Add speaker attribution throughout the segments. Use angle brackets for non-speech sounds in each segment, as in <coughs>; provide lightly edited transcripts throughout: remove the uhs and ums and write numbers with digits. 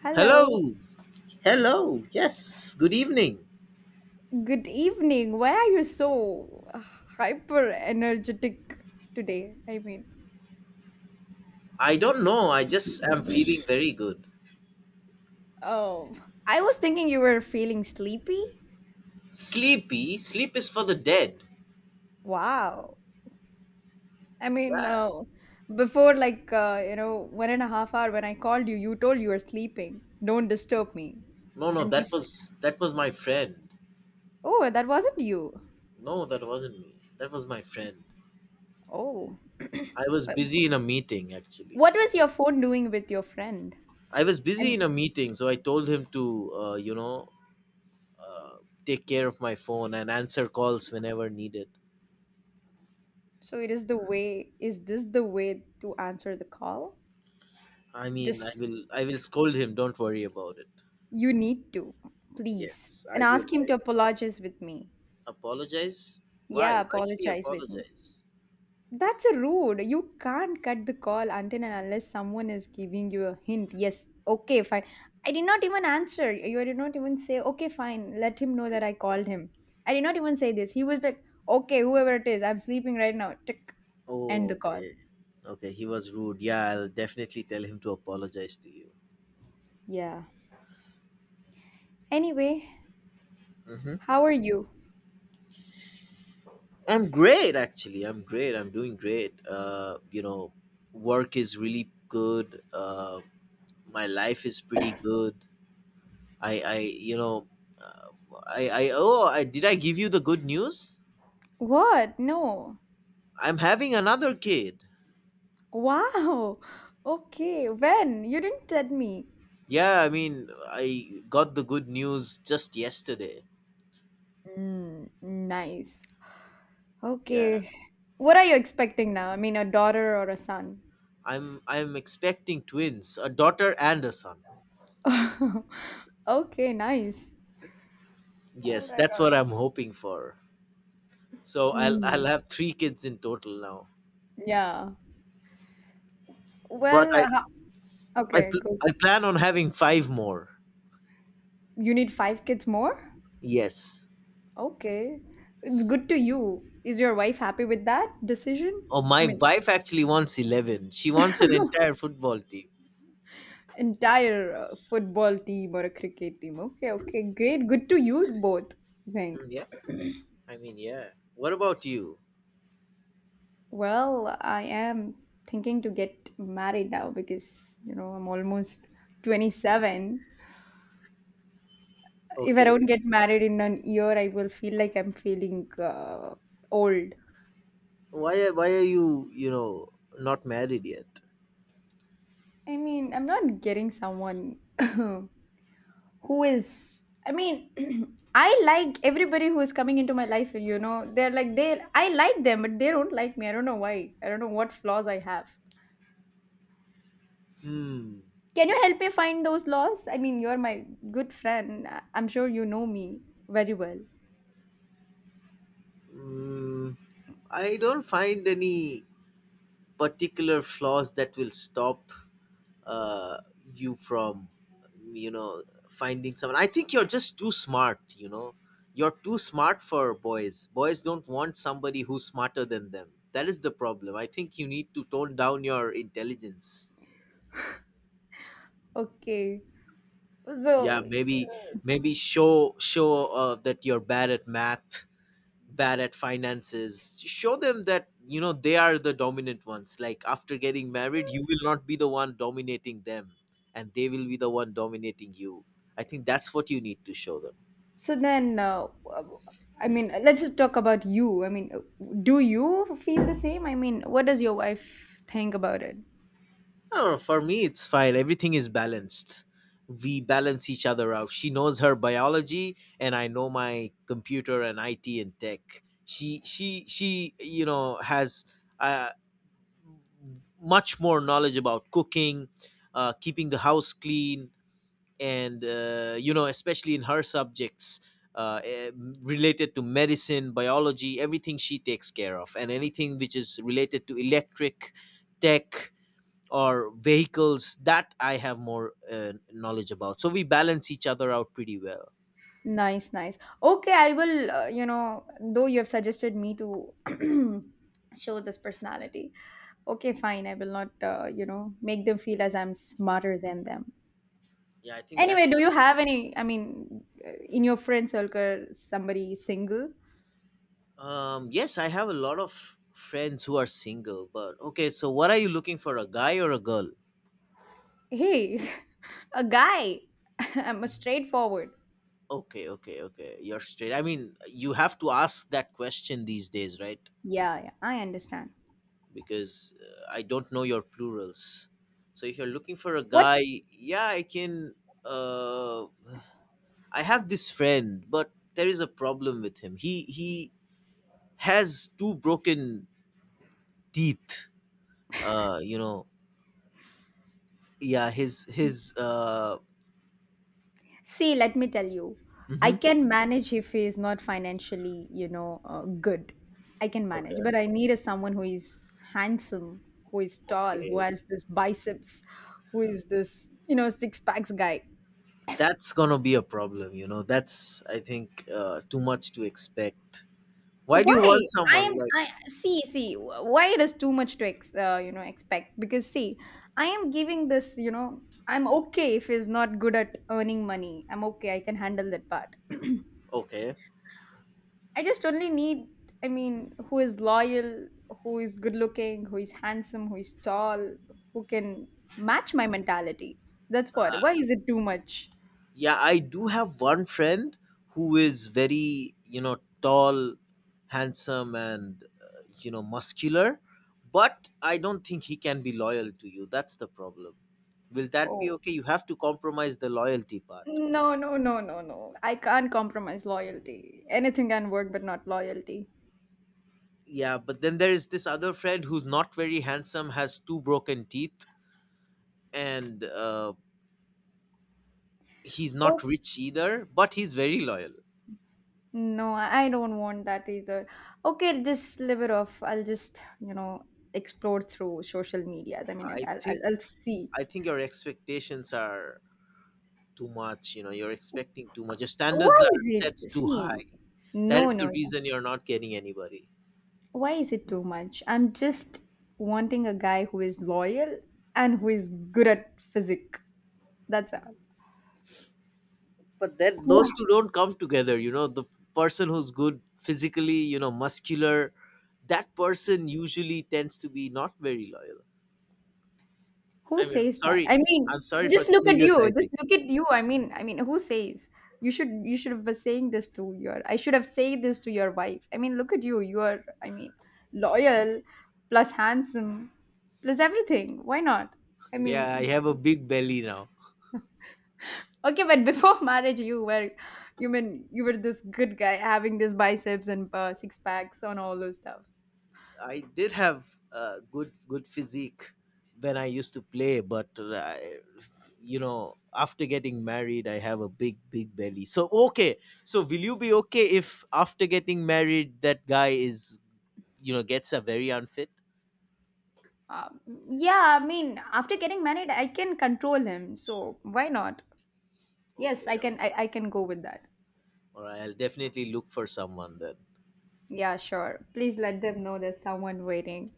Speaker 1: Hello,
Speaker 2: Hello. Hello. Yes. Good evening.
Speaker 1: good evening. Why are you so hyper energetic today? I mean,
Speaker 2: I don't know. I just am feeling very good.
Speaker 1: oh, I was thinking you were feeling sleepy.
Speaker 2: Sleepy. Sleep is for the dead.
Speaker 1: Wow. I mean,
Speaker 2: Yeah.
Speaker 1: uh, Before 1.5 hours when I called you, you told you were sleeping. Don't disturb me.
Speaker 2: No, no.
Speaker 1: And
Speaker 2: That
Speaker 1: just,
Speaker 2: was that was my friend.
Speaker 1: oh, that wasn't you.
Speaker 2: No, that wasn't me. That was my friend.
Speaker 1: Oh. <clears throat>
Speaker 2: I was
Speaker 1: But
Speaker 2: busy in a meeting actually.
Speaker 1: what was your phone doing with your friend?
Speaker 2: I was busy in a
Speaker 1: I'm,
Speaker 2: meeting, so I told him to uh, you know uh, take care of my phone and answer calls whenever needed.
Speaker 1: so it is the way, is this the way to answer the call?
Speaker 2: I mean, I
Speaker 1: Just
Speaker 2: will I will scold him. Don't worry about it.
Speaker 1: You need to, Please.
Speaker 2: Yes,
Speaker 1: And
Speaker 2: I will.
Speaker 1: ask him
Speaker 2: I
Speaker 1: to
Speaker 2: will.
Speaker 1: apologize with me.
Speaker 2: Apologize? Why?
Speaker 1: Yeah,
Speaker 2: Why should he
Speaker 1: apologize with me.
Speaker 2: apologize?
Speaker 1: That's a rude. You can't cut the call until and unless someone is giving you a hint. Yes, okay, fine. I did not even answer. You did not even say, okay, fine. Let him know that I called him. I did not even say this. He was like, okay, whoever it is, I'm sleeping right now. Tick. End the
Speaker 2: Oh,
Speaker 1: call.
Speaker 2: okay. Okay, he was rude. Yeah, I'll definitely tell him to apologize to you.
Speaker 1: Yeah. Anyway,
Speaker 2: hmm
Speaker 1: how are you?
Speaker 2: I'm great, actually. I'm great. I'm doing great. Work is really good. My life is pretty good. I, you know, uh, I. Oh, I, did I give you the good news?
Speaker 1: What? No.
Speaker 2: I'm having another kid.
Speaker 1: Wow. <laughs> Okay. When? You didn't tell me.
Speaker 2: Yeah, I mean, I got the good news just yesterday.
Speaker 1: Mm, nice.
Speaker 2: Yeah.
Speaker 1: Okay. What are you expecting now? I mean, a daughter or a son?
Speaker 2: I'm expecting twins, a daughter and a son.
Speaker 1: <laughs> Okay, nice. All
Speaker 2: Yes,
Speaker 1: right,
Speaker 2: that's
Speaker 1: all
Speaker 2: what I'm
Speaker 1: right.
Speaker 2: hoping for. So I'll
Speaker 1: Mm,
Speaker 2: I'll have three kids in total now.
Speaker 1: yeah.
Speaker 2: But
Speaker 1: Well,
Speaker 2: I
Speaker 1: okay,
Speaker 2: pl-
Speaker 1: go.
Speaker 2: I plan on having five more.
Speaker 1: You need five kids more?
Speaker 2: Yes.
Speaker 1: Okay. It's good to you. Is your wife happy with that decision?
Speaker 2: Oh,
Speaker 1: I
Speaker 2: my
Speaker 1: mean,
Speaker 2: wife actually wants 11. She wants an entire football team.
Speaker 1: entire football team or a cricket team. Okay, okay, great. Good to you both, I think.
Speaker 2: Mm, yeah. I mean, yeah. What about you?
Speaker 1: Well, I am thinking to get married now because, you know, I'm almost 27. If I
Speaker 2: Okay.
Speaker 1: don't get married in an year, I will feel like I'm feeling old.
Speaker 2: Why are you not married yet?
Speaker 1: I mean, I'm not getting someone <laughs> <clears throat> who is. I mean, <clears throat> I like everybody who is coming into my life, you know. I like them, but they don't like me. I don't know why. I don't know what flaws I have.
Speaker 2: Hmm.
Speaker 1: Can you help me find those laws? I mean, you're my good friend. I'm sure you know me very well.
Speaker 2: Mm, I don't find any particular flaws that will stop uh, you from you know finding someone. I think you're just too smart, you know. You're too smart for boys. Boys don't want somebody who's smarter than them. That is the problem. I think you need to tone down your intelligence.
Speaker 1: Okay.
Speaker 2: Yeah,
Speaker 1: So,
Speaker 2: maybe, maybe show that you're bad at math, bad at finances. Show them that, you know, they are the dominant ones. Like after getting married, you will not be the one dominating them, and they will be the one dominating you. I think that's what you need to show them.
Speaker 1: so then, I mean, let's just talk about you. I mean, do you feel the same? I mean, what does your wife think about it?
Speaker 2: Oh, for me it's fine. Everything is balanced. We balance each other out. She knows her biology, and I know my computer and IT and tech. She, you know, has, uh, much more knowledge about cooking, keeping the house clean, and, especially in her subjects, uh, eh, related to medicine, biology, everything she takes care of. And anything which is related to electric, tech, or vehicles, that I have more knowledge about. So we balance each other out pretty well.
Speaker 1: Nice, nice. Okay, I will, though you have suggested me to <clears throat> show this personality. Okay, fine. I will not, make them feel as I'm smarter than them.
Speaker 2: Yeah I think
Speaker 1: Anyway,
Speaker 2: that's
Speaker 1: do
Speaker 2: the
Speaker 1: you have any? I mean, in your friend circle, somebody single?
Speaker 2: yes, I have a lot of friends who are single. But okay, so what are you looking for, a guy or a girl?
Speaker 1: Hey, <laughs> a guy. <laughs> I'm a straightforward.
Speaker 2: Okay, okay, okay, you're straight. I mean, you have to ask that question these days, right?
Speaker 1: Yeah, yeah, I understand.
Speaker 2: Because I don't know your plurals. So if you're looking for a
Speaker 1: What?
Speaker 2: guy, yeah, I can. Uh, I have this friend, but there is a problem with him. He has two broken teeth. Uh, you know, yeah, his his.
Speaker 1: See, let me tell you, I
Speaker 2: Mhm.
Speaker 1: can manage if he is not financially, good. I can manage, but
Speaker 2: Okay,
Speaker 1: I need a someone who is handsome, who is tall, who
Speaker 2: okay,
Speaker 1: has this biceps, who is this, you know, six packs guy.
Speaker 2: that's gonna be a problem. You know, that's, I think, too much to expect. Why do you want
Speaker 1: Why? I am
Speaker 2: someone like,
Speaker 1: I see, why it is too much to ex, you know expect, because see I am giving this, you know, I'm okay if he's not good at earning money, I'm okay, I can handle that part. <clears throat>
Speaker 2: okay?
Speaker 1: I just only need, I mean, who is loyal, who is good looking, who is handsome, who is tall, who can match my mentality. That's what. Why is it too much?
Speaker 2: Yeah, I do have one friend who is very, you know, tall, handsome, and, muscular, but I don't think he can be loyal to you. That's the problem. Will that be
Speaker 1: Oh,
Speaker 2: okay? You have to compromise the loyalty part.
Speaker 1: no, I can't compromise loyalty. Anything can work but not loyalty.
Speaker 2: Yeah, but then there is this other friend who's not very handsome, has two broken teeth, and he's not rich either, but he's very loyal.
Speaker 1: No, I don't want that either. Okay, just leave it off. I'll just, you know, explore through social medias. I mean,
Speaker 2: I think,
Speaker 1: I'll see.
Speaker 2: I think your expectations are too much. You know, you're expecting too much. Your standards
Speaker 1: Why
Speaker 2: are
Speaker 1: is
Speaker 2: set
Speaker 1: it?
Speaker 2: too
Speaker 1: See,
Speaker 2: high. That is the
Speaker 1: no.
Speaker 2: reason you're not getting anybody.
Speaker 1: Why is it too much? I'm just wanting a guy who is loyal and who is good at physique. That's all.
Speaker 2: But
Speaker 1: <laughs>
Speaker 2: then
Speaker 1: Wow.
Speaker 2: those two don't come together. You know, the person who's good physically, you know, muscular, that person usually tends to be not very loyal.
Speaker 1: Who
Speaker 2: I mean,
Speaker 1: says that?
Speaker 2: sorry,
Speaker 1: I mean,
Speaker 2: I'm sorry for stereotyping
Speaker 1: Just
Speaker 2: it.
Speaker 1: look at you. I mean, who says? You should have been saying this to your. I should have said this to your wife. I mean, look at you. You are I mean, loyal plus handsome plus everything. Why not? I mean,
Speaker 2: Yeah, I
Speaker 1: y-
Speaker 2: have a big belly now.
Speaker 1: okay, but before <laughs> marriage you were, you mean you were this good guy having this biceps and six packs and all those stuff.
Speaker 2: I did have a good, good physique when I used to play, but I, you know, after getting married, I have a big belly. So okay, so will you be okay if after getting married, that guy, is, you know, gets a very unfit?
Speaker 1: Um, yeah, I mean, after getting married, I can control him. So why not? Yes,
Speaker 2: Okay, okay.
Speaker 1: I can go with that.
Speaker 2: All right, I'll definitely look for someone then.
Speaker 1: Yeah, sure. Please let them know there's someone waiting.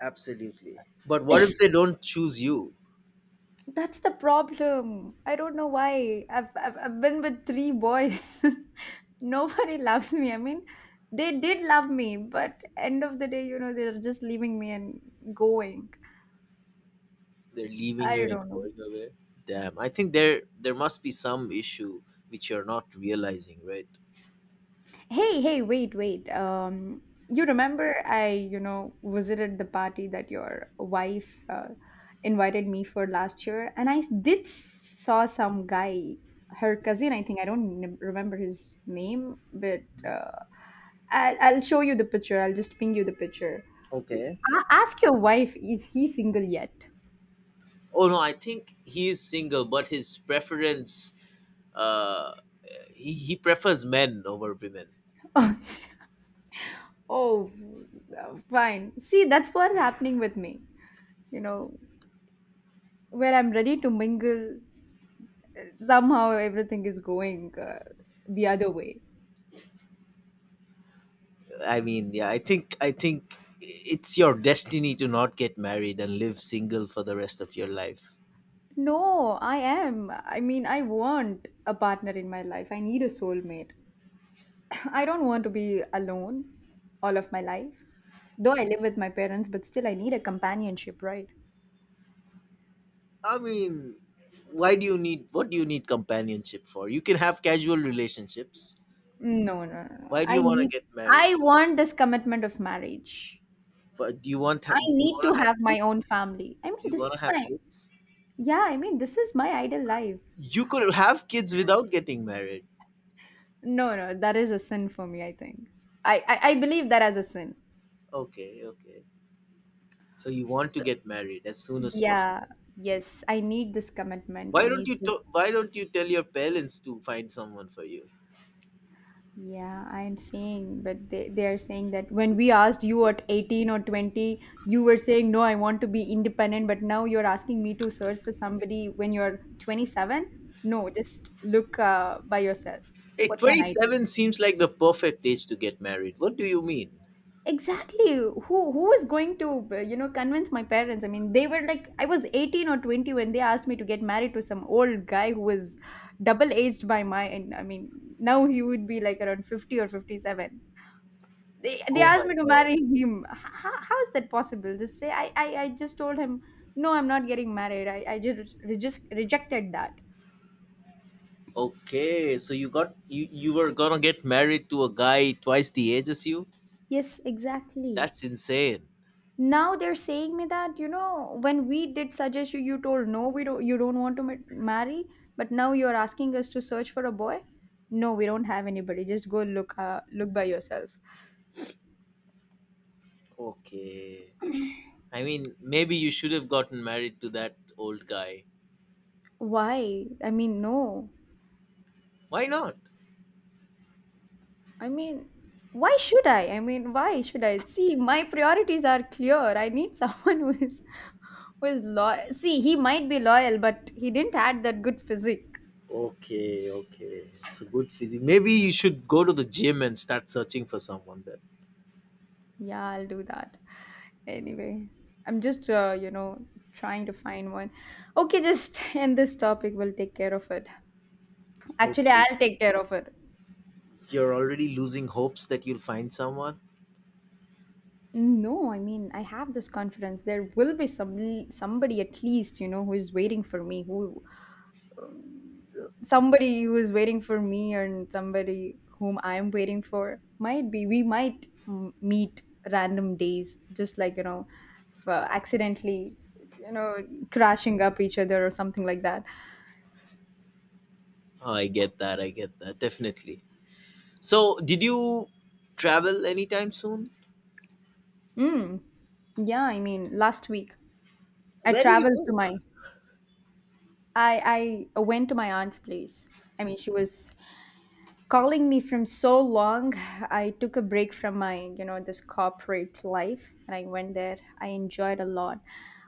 Speaker 2: Absolutely. But what if they don't choose you?
Speaker 1: That's the problem. I don't know why. I've been with three boys. <laughs> Nobody loves me. I mean, they did love me, but end of the day, you know, they're just leaving me and going.
Speaker 2: They're leaving
Speaker 1: I
Speaker 2: you and
Speaker 1: don't know.
Speaker 2: going away. Damn, I think there must be some issue which you're not realizing, right?
Speaker 1: Hey, hey, wait. You remember I, you know, visited the party that your wife invited me for last year, and I did saw some guy, her cousin, I think. I don't remember his name, but
Speaker 2: Mhm.
Speaker 1: I'll show you the picture. I'll just ping you the picture.
Speaker 2: Okay.
Speaker 1: Ask your wife, is he single yet?
Speaker 2: Oh no, I think he is single, but his preference, uh he prefers men over women.
Speaker 1: <laughs> Oh, oh, fine. See, that's what's happening with me. You know, where I'm ready to mingle, somehow everything is going the other way.
Speaker 2: I mean, yeah, I think, I think it's your destiny to not get married and live single for the rest of your life.
Speaker 1: No, I am. I mean, I want a partner in my life. I need a soulmate. <laughs> I don't want to be alone all of my life. Though I live with my parents, but still I need a companionship, right?
Speaker 2: I mean, why do you need what do you need companionship for? You can have casual relationships.
Speaker 1: No.
Speaker 2: Why do
Speaker 1: I
Speaker 2: you want to
Speaker 1: need,
Speaker 2: get married?
Speaker 1: I want this commitment of marriage.
Speaker 2: For, do you want,
Speaker 1: I
Speaker 2: do you
Speaker 1: need to
Speaker 2: want to have
Speaker 1: have my own
Speaker 2: kids?
Speaker 1: family. I
Speaker 2: Do
Speaker 1: mean,
Speaker 2: you
Speaker 1: this
Speaker 2: want to
Speaker 1: is
Speaker 2: have
Speaker 1: my
Speaker 2: kids?
Speaker 1: Yeah, I mean, this is my ideal life.
Speaker 2: You could have kids without getting married.
Speaker 1: No, no, that is a sin for me, I think. I believe that as a sin.
Speaker 2: Okay, okay. So you want to get married as soon as
Speaker 1: Yeah,
Speaker 2: possible.
Speaker 1: yes, I need this commitment. I need this.
Speaker 2: Why don't you tell your parents to find someone for you?
Speaker 1: Yeah, I'm saying, but they are saying that when we asked you at 18 or 20, you were saying, no, I want to be independent, but now you're asking me to search for somebody when you're 27? No, just look by yourself.
Speaker 2: Hey,
Speaker 1: What can I
Speaker 2: 27 seems like the perfect age to get married. What do you mean?
Speaker 1: exactly, who was going to convince my parents? I mean, they were like, I was 18 or 20 when they asked me to get married to some old guy who was double aged by my, and I mean, now he would be like around 50 or 57. They
Speaker 2: Oh
Speaker 1: asked
Speaker 2: my
Speaker 1: me to
Speaker 2: god.
Speaker 1: marry him. How is that possible? Just say. I just told him no, I'm not getting married. Just rejected that.
Speaker 2: Okay, so you got you you were going to get married to a guy twice the age as you?
Speaker 1: Yes, exactly.
Speaker 2: That's insane.
Speaker 1: Now they're saying me that, you know, when we did suggest you, you told no, we don't you don't want to marry, but now you're asking us to search for a boy. No, we don't have anybody, just go look look by yourself.
Speaker 2: Okay. I mean, maybe you should have gotten married to that old guy.
Speaker 1: Why? I mean, no,
Speaker 2: Why not?
Speaker 1: I mean, why should I mean, why should I? See, my priorities are clear. I need <laughs> someone who is, who is loyal. See, he might be loyal but he didn't add that good physique.
Speaker 2: Okay, okay. So good physique. Maybe you should go to the gym and start searching for someone then.
Speaker 1: Yeah, I'll do that. Anyway, I'm just, trying to find one. Okay, just <laughs> end this topic. We'll take care of it. Actually,
Speaker 2: Okay.
Speaker 1: I'll take care of it.
Speaker 2: You're already losing hopes that you'll find someone.
Speaker 1: No, I mean, I have this confidence. There will be somebody at least, you know, who is waiting for me. Who, um, somebody who is waiting for me, and somebody whom I am waiting for. Might be we might meet random days, just like, you know, accidentally, you know, crashing up each other or something like that.
Speaker 2: Oh, I get that. I get that. Definitely. So, did you travel anytime soon?
Speaker 1: Mm, yeah, I mean, last week I
Speaker 2: Where did you
Speaker 1: traveled to
Speaker 2: go?
Speaker 1: my, I went to my aunt's place. I mean, she was calling me from so long. <laughs> I took a break from my, you know, this corporate life, and I went there. I enjoyed a lot.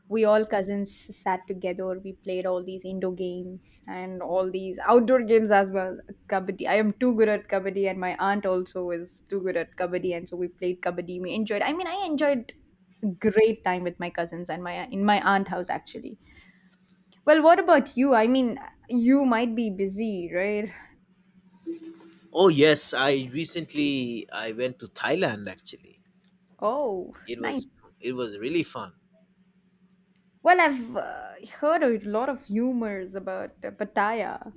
Speaker 1: We all cousins sat together, we played all these indoor games and all these outdoor games as well. Kabaddi, I am too good at kabaddi, and my aunt also is too good at kabaddi, and so we played kabaddi. We enjoyed, I mean, I enjoyed great time with my cousins and my, in my aunt house actually. Well, what about you? I mean, you might be busy, right?
Speaker 2: Oh, yes. I went to Thailand actually.
Speaker 1: Oh,
Speaker 2: It was,
Speaker 1: nice.
Speaker 2: it was really fun.
Speaker 1: Well, I've heard a lot of rumors about Pattaya.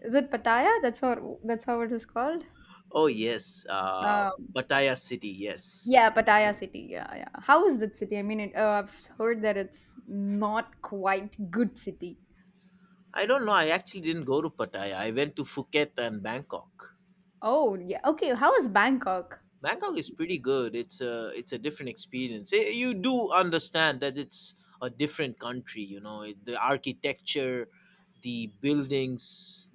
Speaker 1: Is it Pattaya? That's how, that's how it is called?
Speaker 2: Oh, yes.
Speaker 1: Um.
Speaker 2: Pattaya city, yes.
Speaker 1: Yeah, Pattaya city. Yeah, yeah. How is that city? I mean, it, I've heard that it's not quite good city.
Speaker 2: I don't know. I actually didn't go to Pattaya. I went to Phuket and Bangkok.
Speaker 1: Oh, yeah. Okay, how is Bangkok?
Speaker 2: Bangkok is pretty good. It's a different experience. Eh, you do understand that it's a different country. You know, the architecture, the buildings,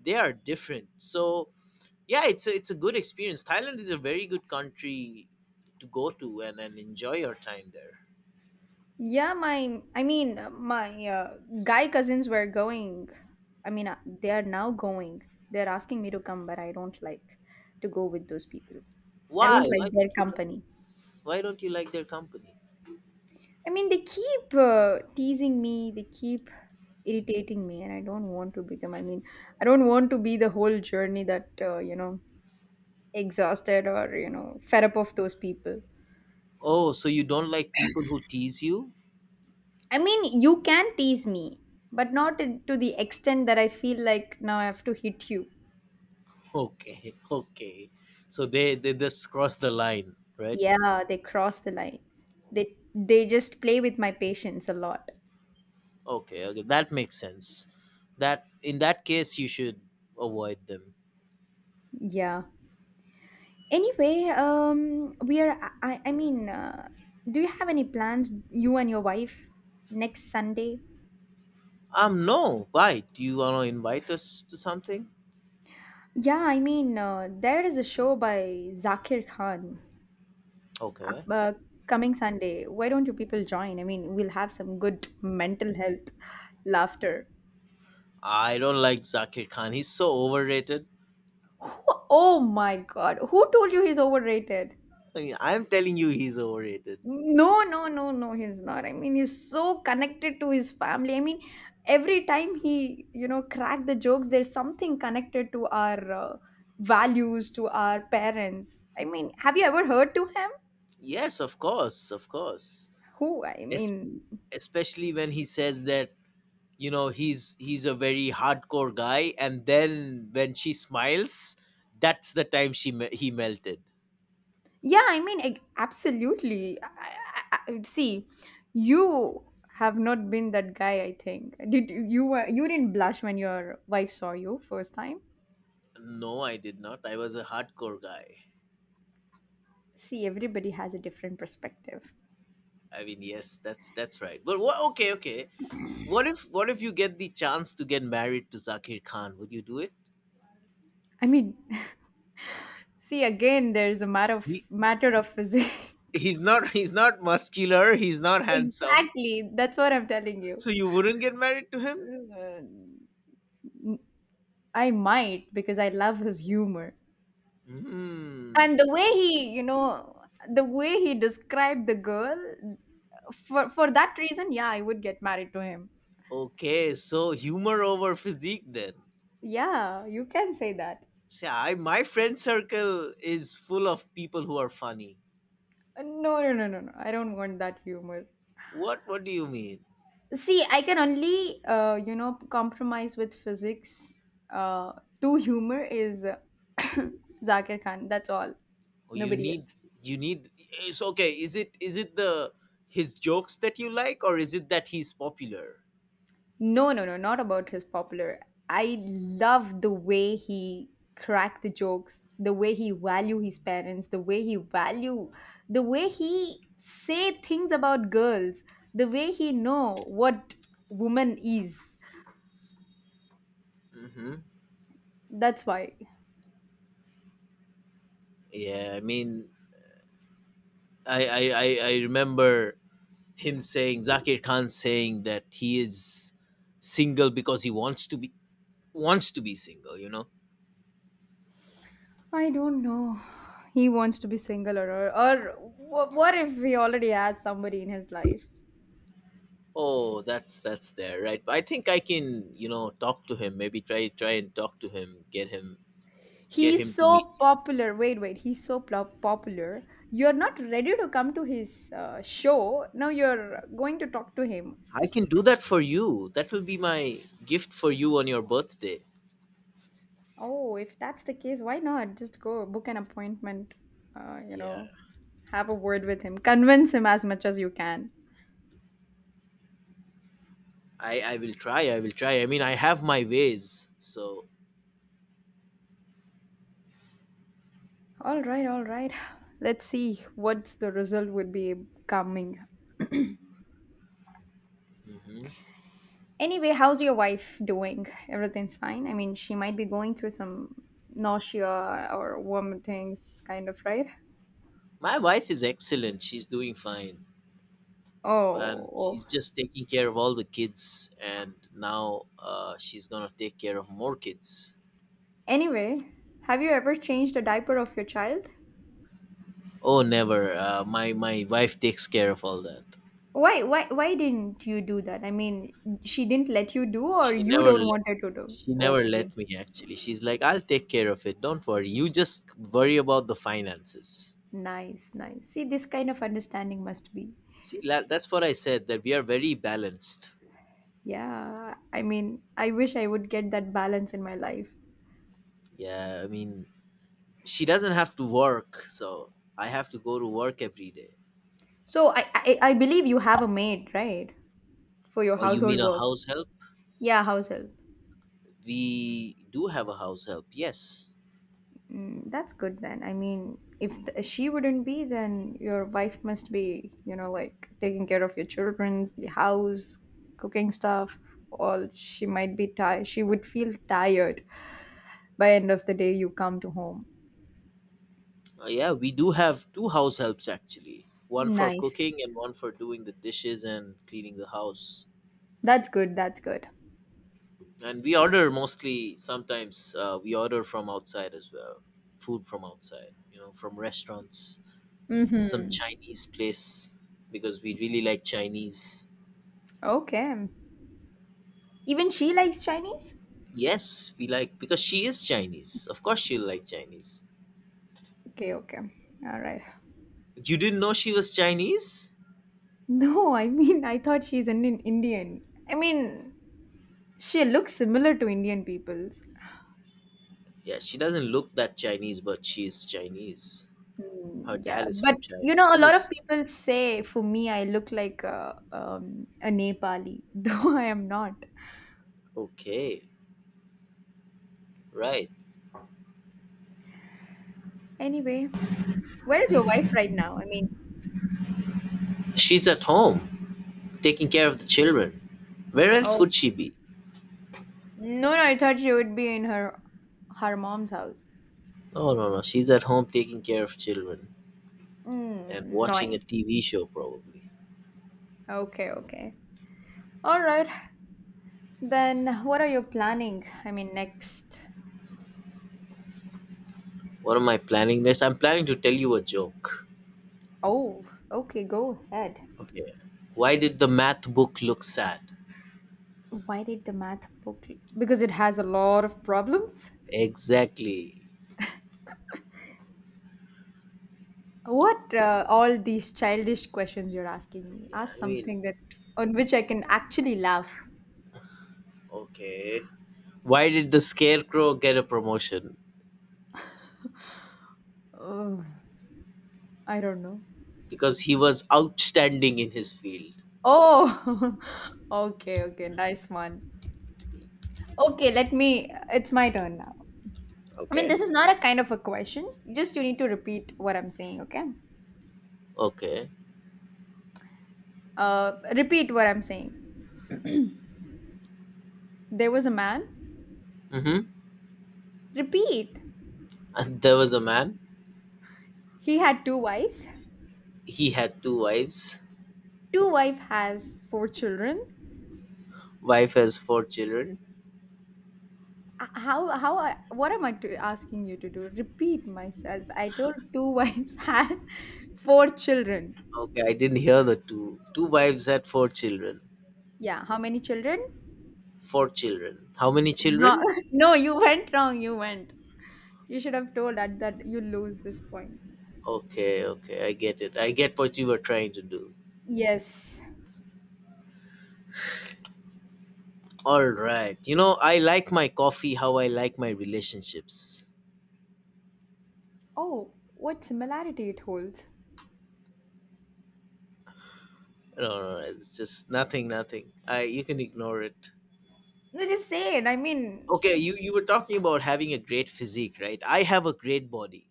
Speaker 2: they are different. So yeah, it's a good experience. Thailand is a very good country to go to and enjoy your time there.
Speaker 1: Yeah, my guy cousins were going. I mean, they are now going. They're asking me to come, but I don't like to go with those people. I don't
Speaker 2: Why
Speaker 1: like
Speaker 2: why
Speaker 1: their
Speaker 2: don't you like,
Speaker 1: company.
Speaker 2: why don't you like their company?
Speaker 1: I mean, they keep teasing me. They keep irritating me, and I don't want to become. I mean, I don't want to be the whole journey that exhausted or fed up of those people.
Speaker 2: Oh, so you don't like people who tease you?
Speaker 1: I mean, you can tease me, but not in- to the extent that I feel like now I have to hit you.
Speaker 2: Okay, <laughs> okay. So they just cross the line, right?
Speaker 1: Yeah, they cross the line. They just play with my patience a lot.
Speaker 2: Okay, okay, that makes sense. That, in that case, you should avoid them.
Speaker 1: Yeah. Anyway, we are I mean do you have any plans, you and your wife, next Sunday?
Speaker 2: No, why? Do you want to invite us to something?
Speaker 1: Yeah, I mean, there is a show by Zakir Khan up,
Speaker 2: Okay.
Speaker 1: uh, coming Sunday. Why don't you people join? I mean, we'll have some good mental health laughter.
Speaker 2: I don't like Zakir Khan. He's so overrated.
Speaker 1: Oh my God, who told you he's overrated?
Speaker 2: I mean, I'm telling you, he's overrated.
Speaker 1: No, no, no, no, he's not. I mean, he's so connected to his family. I mean, every time he, you know, crack the jokes, there's something connected to our values, to our parents. I mean, have you ever heard to him?
Speaker 2: Yes, of course, of course.
Speaker 1: Who? I
Speaker 2: Es-
Speaker 1: mean,
Speaker 2: especially when he says that, you know, he's a very hardcore guy, and then when she smiles, that's the time he melted.
Speaker 1: yeah, I mean, absolutely. See, you have not been that guy. I think did you you were you didn't blush when your wife saw you first time.
Speaker 2: No, I did not. I was a hardcore guy.
Speaker 1: See, everybody has a different perspective.
Speaker 2: I mean, yes, that's right. But what? Okay, okay. What if you get the chance to get married to Zakir Khan? Would you do it?
Speaker 1: I mean, <laughs> see again, there's a matter of
Speaker 2: He
Speaker 1: matter of physics.
Speaker 2: he's not <laughs> he's not muscular. He's not
Speaker 1: <laughs>
Speaker 2: handsome.
Speaker 1: exactly, that's what I'm telling you.
Speaker 2: So you wouldn't get married to him?
Speaker 1: Uh, I might because I love his humor,
Speaker 2: Hmm.
Speaker 1: and the way he, you know, the way he described the girl, for that reason, yeah, I would get married to him.
Speaker 2: Okay. So humor over physique then.
Speaker 1: Yeah, you can say that.
Speaker 2: See, I, my friend circle is full of people who are funny.
Speaker 1: No, I don't want that humor.
Speaker 2: What do you mean?
Speaker 1: See, I can only, you know, compromise with physics. uh to humor is <coughs> Zakir Khan, that's all.
Speaker 2: Oh, you
Speaker 1: Nobody
Speaker 2: need
Speaker 1: else.
Speaker 2: you need. It's okay. Is it the his jokes that you like, or is it that he's popular?
Speaker 1: No, no, no, not about his popular. I love the way he cracked the jokes, the way he value his parents, the way he value, the way he say things about girls, the way he know what woman is.
Speaker 2: Hmm.
Speaker 1: That's why.
Speaker 2: Yeah, I mean, I remember him saying Zakir Khan saying that he is single because he wants to be, wants to be single. You know.
Speaker 1: I don't know. He wants to be single, or what if he already has somebody in his life?
Speaker 2: Oh, that's there, right? But I think I can, you know, talk to him. Maybe try try and talk to him. Get
Speaker 1: He's
Speaker 2: him to meet
Speaker 1: so
Speaker 2: you.
Speaker 1: popular. Wait, wait. He's so popular. You're not ready to come to his show. Now you're going to talk to him.
Speaker 2: I can do that for you. That will be my gift for you on your birthday.
Speaker 1: Oh, if that's the case, why not? Just go book an appointment. You
Speaker 2: Yeah,
Speaker 1: know, have a word with him. Convince him as much as you can.
Speaker 2: I will try. I will try. I mean, I have my ways, so.
Speaker 1: All right, all right. Let's see what's the result would be coming.
Speaker 2: Hmm.
Speaker 1: Anyway, how's your wife doing? Everything's fine. I mean, she might be going through some nausea or vomiting kind of, right?
Speaker 2: My wife is excellent. She's doing fine. And
Speaker 1: Oh, oh.
Speaker 2: she's just taking care of all the kids. And now she's going to take care of more kids.
Speaker 1: Anyway, have you ever changed the diaper of your child?
Speaker 2: Oh, never. My wife takes care of all that.
Speaker 1: Why didn't you do that? I mean, she didn't let you do, or
Speaker 2: She
Speaker 1: you
Speaker 2: never
Speaker 1: don't
Speaker 2: let,
Speaker 1: want her to do?
Speaker 2: she never
Speaker 1: Okay,
Speaker 2: let me, actually. She's like, I'll take care of it. Don't worry. You just worry about the finances.
Speaker 1: nice, nice. See, this kind of understanding must be.
Speaker 2: See, that's what I said, that we are very balanced.
Speaker 1: Yeah, I mean, I wish I would get that balance in my life.
Speaker 2: Yeah, I mean, she doesn't have to work. So I have to go to work every day.
Speaker 1: So I believe you have a maid, right, for your
Speaker 2: Or you
Speaker 1: household
Speaker 2: mean a
Speaker 1: works.
Speaker 2: house help?
Speaker 1: Yeah, household.
Speaker 2: We do have a house help, yes.
Speaker 1: Mm, that's good then. I mean, if she wouldn't be, then your wife must be, you know, like taking care of your children, the house, cooking stuff. All she might be tired. She would feel tired by end of the day. You come to home.
Speaker 2: Yeah, we do have two house helps actually. One for
Speaker 1: Nice.
Speaker 2: cooking and one for doing the dishes and cleaning the house.
Speaker 1: That's good. That's good.
Speaker 2: And we order mostly, sometimes we order from outside as well. Food from outside, you know, from restaurants, some
Speaker 1: Mm-hmm.
Speaker 2: Chinese place because we really like Chinese.
Speaker 1: Okay. Even she likes Chinese.
Speaker 2: Yes, we like because she is Chinese. Of course she'll like Chinese.
Speaker 1: Okay. Okay. All right. <laughs>
Speaker 2: You didn't know she was Chinese?
Speaker 1: No, I mean, I thought she's an Indian. I mean, she looks similar to Indian people.
Speaker 2: Yeah, she doesn't look that Chinese, but she is Chinese. Her
Speaker 1: Mm, yeah,
Speaker 2: dad is
Speaker 1: but
Speaker 2: from China.
Speaker 1: you know,
Speaker 2: She
Speaker 1: a lot of
Speaker 2: was
Speaker 1: people say for me, I look like a Nepali, <laughs> though I am not.
Speaker 2: okay, right?
Speaker 1: Anyway, where is your wife right now? I mean,
Speaker 2: She's at home taking care of the children. Where else
Speaker 1: oh,
Speaker 2: would she be?
Speaker 1: no, no, I thought she would be in her her mom's house.
Speaker 2: No, no, no. She's at home taking care of children and
Speaker 1: Mm,
Speaker 2: watching a
Speaker 1: nice.
Speaker 2: TV show, probably.
Speaker 1: Okay, okay. All right. Then what are you planning? I mean, next.
Speaker 2: What am I planning next? I'm planning to tell you a joke.
Speaker 1: Oh, okay, go ahead.
Speaker 2: Okay. Why did the math book look sad?
Speaker 1: Why did the math book? Because it has a lot of problems.
Speaker 2: Exactly.
Speaker 1: What all these childish questions you're asking me?
Speaker 2: Yeah,
Speaker 1: Ask
Speaker 2: I mean,
Speaker 1: something that on which I can actually laugh.
Speaker 2: okay. Why did the scarecrow get a promotion?
Speaker 1: Oh, I don't know.
Speaker 2: Because he was outstanding in his field.
Speaker 1: Oh, <laughs> okay, okay, nice one. Okay, let me. It's my turn now. I mean,
Speaker 2: Okay.
Speaker 1: this is not a kind of a question. Just you need to repeat what I'm saying, okay?
Speaker 2: Okay.
Speaker 1: Repeat what I'm saying. There was a man.
Speaker 2: Mm hmm.
Speaker 1: Repeat.
Speaker 2: <laughs> And there was a man.
Speaker 1: He had two wives.
Speaker 2: He had two wives.
Speaker 1: Two wife has four children.
Speaker 2: Wife has four children.
Speaker 1: How I, what am I to, asking you to do? Repeat myself. I told two wives <laughs> had four children.
Speaker 2: Okay, I didn't hear the two. Two wives had four children.
Speaker 1: Yeah, how many children?
Speaker 2: Four children. How many
Speaker 1: No,
Speaker 2: children?
Speaker 1: <laughs> no, you went wrong. You went. You should have told that you lose this point.
Speaker 2: Okay, okay, I get it. I get what you were trying to do.
Speaker 1: Yes.
Speaker 2: All right. You know, I like my coffee how I like my relationships.
Speaker 1: Oh, what similarity it holds.
Speaker 2: No, no, no, it's just nothing, nothing. I You can ignore it.
Speaker 1: No, just say it. I mean,
Speaker 2: Okay, you were talking about having a great physique, right? I have a great body.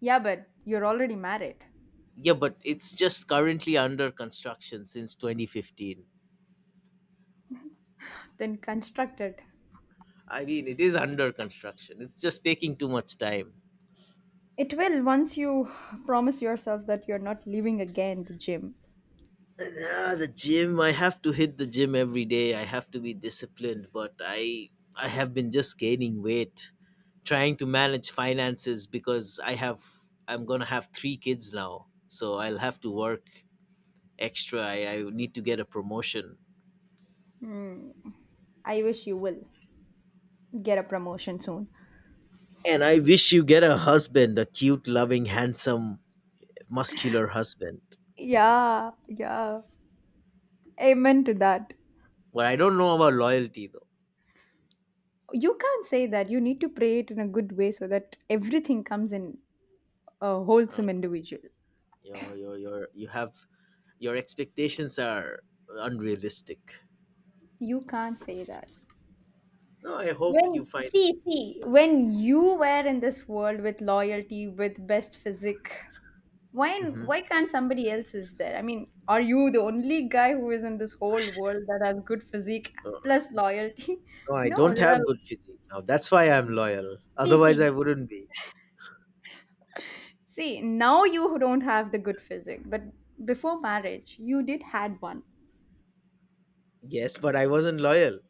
Speaker 1: yeah, but you're already married.
Speaker 2: Yeah, but it's just currently under construction since 2015.
Speaker 1: Then construct it.
Speaker 2: I mean, it is under construction. It's just taking too much time.
Speaker 1: It will once you promise yourself that you're not leaving again the gym.
Speaker 2: Yeah, the gym. I have to hit the gym every day. I have to be disciplined, but I have been just gaining weight, trying to manage finances because I have I'm gonna have three kids now, so I'll have to work extra. I need to get a promotion,
Speaker 1: Hmm. I wish you will get a promotion soon.
Speaker 2: and I wish you get a husband, a cute, loving, handsome, muscular husband.
Speaker 1: Yeah, yeah. Amen to that.
Speaker 2: But I don't know about loyalty though.
Speaker 1: You can't say that. You need to pray it in a good way so that everything comes in a
Speaker 2: Uh,
Speaker 1: wholesome individual.
Speaker 2: you have your expectations are unrealistic.
Speaker 1: You can't say that.
Speaker 2: No, I hope you
Speaker 1: When
Speaker 2: find.
Speaker 1: see when you were in this world with loyalty with best physique, why
Speaker 2: Mhm.
Speaker 1: why can't somebody else is there? I mean, are you the only guy who is in this whole world that has good physique
Speaker 2: Oh,
Speaker 1: plus loyalty? <laughs>
Speaker 2: no, I
Speaker 1: No,
Speaker 2: don't
Speaker 1: there
Speaker 2: have
Speaker 1: are
Speaker 2: good physique now. That's why I'm loyal.
Speaker 1: see
Speaker 2: Otherwise, I
Speaker 1: see
Speaker 2: wouldn't be.
Speaker 1: see, now you don't have the good physique, but before marriage, you did had one.
Speaker 2: Yes, but I wasn't loyal.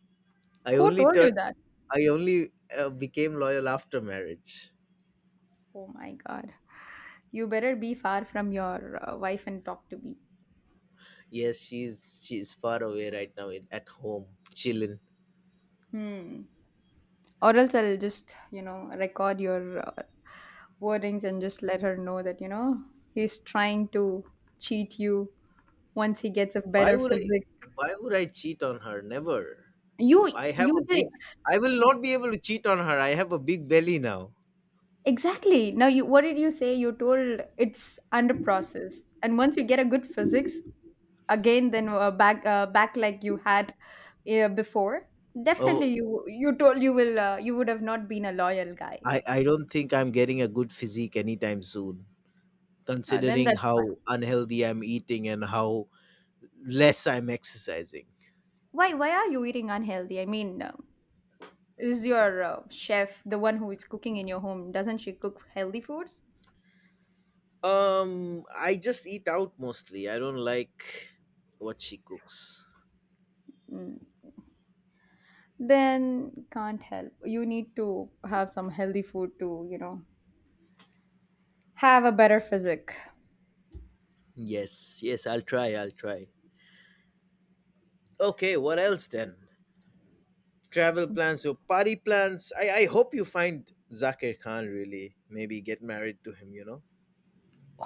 Speaker 2: I
Speaker 1: Who
Speaker 2: only
Speaker 1: told you
Speaker 2: turned.
Speaker 1: that?
Speaker 2: I only became loyal after marriage.
Speaker 1: Oh my God. You better be far from your wife and talk to me.
Speaker 2: Yes, she's far away right now in, at home chilling.
Speaker 1: Hmm. Or else I'll just, you know, record your wordings and just let her know that, you know, he's trying to cheat you once he gets a
Speaker 2: Why
Speaker 1: better
Speaker 2: would I?
Speaker 1: physique.
Speaker 2: Why would I cheat on her? Never.
Speaker 1: You,
Speaker 2: I have
Speaker 1: you
Speaker 2: a big. I will
Speaker 1: did.
Speaker 2: not be able to cheat on her. I have a big belly now.
Speaker 1: Exactly. Now, you, what did you say? You told it's under process. And once you get a good physics again, than back back like you had before, definitely
Speaker 2: Oh,
Speaker 1: you told you will, you would have not been a loyal guy.
Speaker 2: I don't think I'm getting a good physique anytime soon,
Speaker 1: Then
Speaker 2: considering
Speaker 1: that's
Speaker 2: how unhealthy I'm eating and how less I'm exercising.
Speaker 1: why. Why are you eating unhealthy? I mean, is your chef, the one who is cooking in your home, doesn't she cook healthy foods?
Speaker 2: I just eat out mostly. I don't like what she cooks.
Speaker 1: Then can't help. You need to have some healthy food to, you know, have a better physique.
Speaker 2: Yes, yes, I'll try, I'll try. Okay, what else then? Travel plans or party plans? I hope you find Zakir Khan really. Maybe get married to him, you know?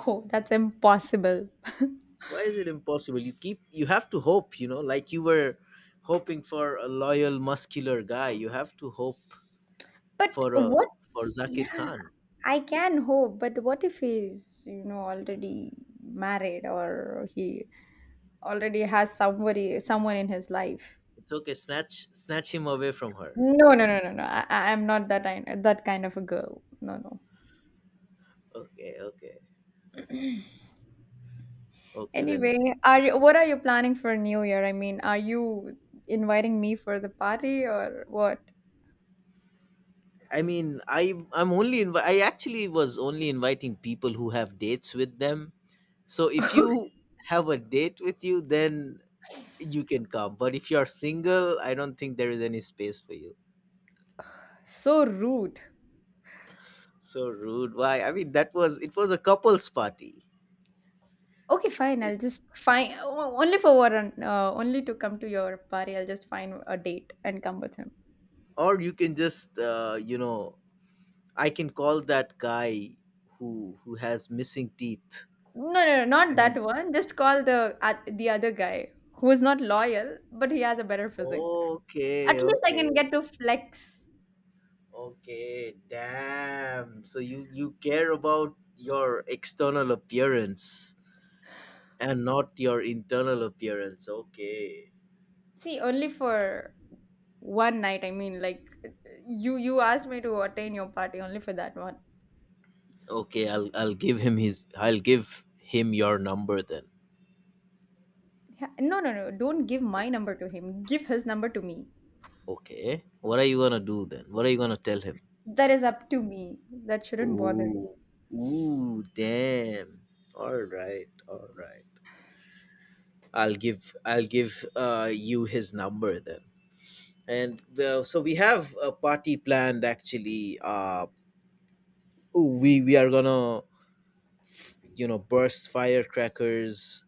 Speaker 1: Oh, that's impossible. <laughs>
Speaker 2: Why is it impossible? You keep you have to hope, you know, like you were hoping for a loyal muscular guy. You have to hope
Speaker 1: But
Speaker 2: for a
Speaker 1: what?
Speaker 2: for Zakir Khan.
Speaker 1: I can hope, but what if he's, you know, already married or he already has somebody, someone in his life?
Speaker 2: It's okay, snatch him away from her.
Speaker 1: No, no, no, no, no. I'm not that kind, that kind of a girl. No, no.
Speaker 2: Okay, okay, okay, then.
Speaker 1: Anyway, are you, what are you planning for New Year? I mean, are you inviting me for the party or what?
Speaker 2: I mean, I actually was only inviting people who have dates with them, so if
Speaker 1: <laughs>
Speaker 2: you have a date with you, then you can come, but if you're single, I don't think there is any space for you.
Speaker 1: So rude.
Speaker 2: So rude. Why? I mean, that was it was a couple's party,
Speaker 1: Okay, fine.
Speaker 2: it,
Speaker 1: I'll just find only to come to your party. I'll just find a date and come with him.
Speaker 2: or you can just you know, I can call that guy who has missing teeth.
Speaker 1: No, no, no, not
Speaker 2: And
Speaker 1: that one. Just call the other guy who is not loyal, but he has a better physique.
Speaker 2: okay,
Speaker 1: At least I can
Speaker 2: okay,
Speaker 1: get to flex.
Speaker 2: okay. Damn. So you care about your external appearance and not your internal appearance. Okay.
Speaker 1: See, only for one night. I mean, like you asked me to attend your party only for that one.
Speaker 2: Okay, I'll give him his I'll give him your number then.
Speaker 1: Yeah, no, no, no. Don't give my number to him. Give his number to me.
Speaker 2: Okay. What are you gonna do then? What are you gonna tell him?
Speaker 1: That is up to me. That shouldn't bother you.
Speaker 2: Ooh, ooh, damn. All right, all right. I'll give you his number then. So we have a party planned actually. We are gonna, you know, burst firecrackers.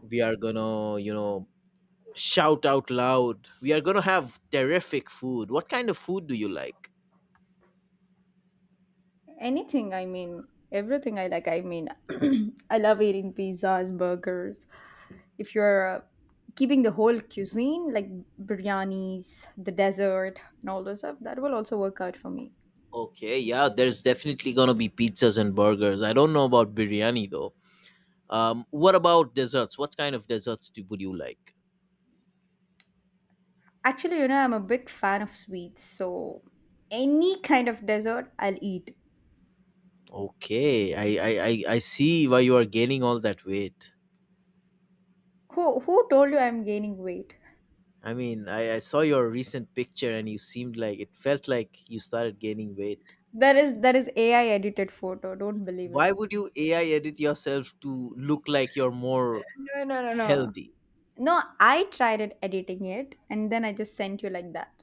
Speaker 2: We are gonna, you know, shout out loud. We are gonna have terrific food. What kind of food do you like?
Speaker 1: Anything, I mean, everything I like. I mean, <clears throat> I love eating pizzas, burgers. If you're keeping the whole cuisine, like biryanis, the dessert, and all those stuff, that will also work out for me.
Speaker 2: Okay, yeah, there's definitely gonna be pizzas and burgers. I don't know about biryani though. What about desserts? What kind of desserts would you like?
Speaker 1: Actually, you know, I'm a big fan of sweets, so any kind of dessert I'll eat.
Speaker 2: Okay, I see why you are gaining all that weight.
Speaker 1: Who told you I'm gaining weight?
Speaker 2: I mean, I saw your recent picture and you seemed like it felt like you started gaining weight.
Speaker 1: That is AI edited photo. Don't believe
Speaker 2: Why
Speaker 1: it.
Speaker 2: would you AI edit yourself to look like you're more
Speaker 1: No, no, no, no.
Speaker 2: healthy?
Speaker 1: No, I tried it editing it, and then I just sent you like that.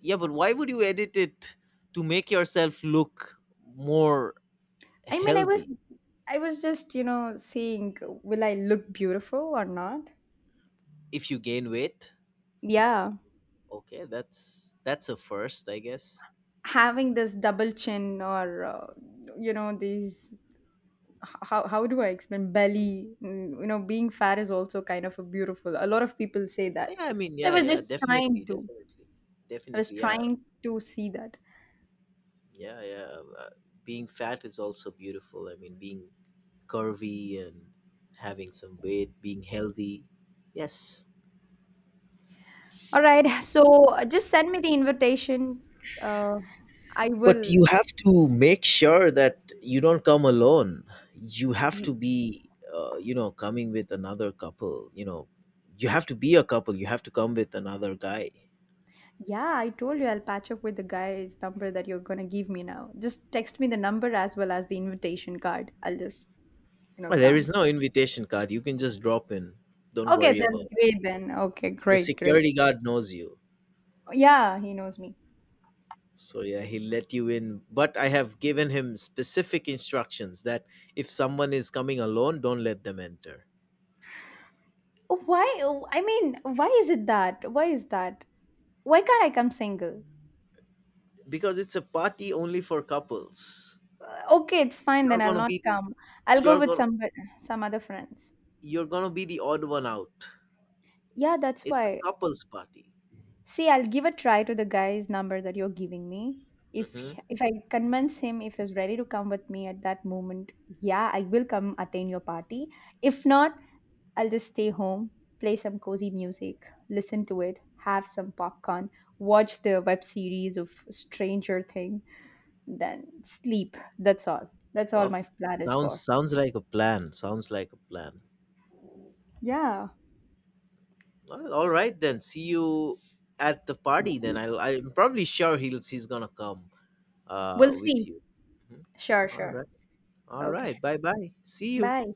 Speaker 2: Yeah, but why would you edit it to make yourself look more
Speaker 1: I mean,
Speaker 2: healthy
Speaker 1: I was just, you know, seeing will I look beautiful or not?
Speaker 2: if you gain weight?
Speaker 1: Yeah,
Speaker 2: Okay, that's a first, I guess.
Speaker 1: having this double chin or you know these how do I explain belly? Mm, you know, being fat is also kind of a beautiful. A lot of people say that.
Speaker 2: Yeah, I mean,
Speaker 1: So I
Speaker 2: yeah,
Speaker 1: was
Speaker 2: yeah,
Speaker 1: just trying
Speaker 2: definitely,
Speaker 1: to.
Speaker 2: definitely,
Speaker 1: I was
Speaker 2: definitely, yeah,
Speaker 1: trying to see that.
Speaker 2: yeah, yeah. Being fat is also beautiful. I mean, being curvy and having some weight, being healthy, yes.
Speaker 1: All right. So just send me the invitation. Uh, I
Speaker 2: But
Speaker 1: will.
Speaker 2: you have to make sure that you don't come alone. You have to be, you know, coming with another couple. You know, you have to be a couple. You have to come with another guy.
Speaker 1: Yeah, I told you I'll patch up with the guy's number that you're gonna give me now. Just text me the number as well as the invitation card. I'll just, you know,
Speaker 2: Well, there
Speaker 1: come.
Speaker 2: is no invitation card. You can just drop in. Don't
Speaker 1: Okay,
Speaker 2: worry
Speaker 1: that's
Speaker 2: about it.
Speaker 1: great then. Okay,
Speaker 2: The
Speaker 1: great, great.
Speaker 2: security guard knows you.
Speaker 1: Yeah, he knows me.
Speaker 2: So yeah, he let you in, but I have given him specific instructions that if someone is coming alone, don't let them enter
Speaker 1: Why? Oh, I mean, why is it that? Why is that? Why can't I come single?
Speaker 2: because it's a party only for couples.
Speaker 1: Okay, it's fine
Speaker 2: You're
Speaker 1: then. I'll
Speaker 2: gonna
Speaker 1: not
Speaker 2: be the
Speaker 1: come. I'll go
Speaker 2: you're
Speaker 1: with
Speaker 2: gonna
Speaker 1: some other friends.
Speaker 2: you're gonna be the odd one out.
Speaker 1: Yeah, that's
Speaker 2: It's a
Speaker 1: why.
Speaker 2: couples party.
Speaker 1: See, I'll give a try to the guy's number that you're giving me.
Speaker 2: Hmm.
Speaker 1: If I convince him, if he's ready to come with me at that moment, yeah, I will come attend your party. If not, I'll just stay home, play some cozy music, listen to it, have some popcorn, watch the web series of Stranger Thing, then sleep. That's all. That's all my
Speaker 2: Puff
Speaker 1: plan is for.
Speaker 2: sounds like a plan. Sounds like a plan.
Speaker 1: Yeah.
Speaker 2: Well, all right then. See you at the party. Then I I'm probably sure he's gonna come
Speaker 1: We'll
Speaker 2: with
Speaker 1: see.
Speaker 2: you. Mhm.
Speaker 1: Sure,
Speaker 2: All
Speaker 1: sure.
Speaker 2: right. All
Speaker 1: Okay.
Speaker 2: right. Bye bye. See you.
Speaker 1: Bye.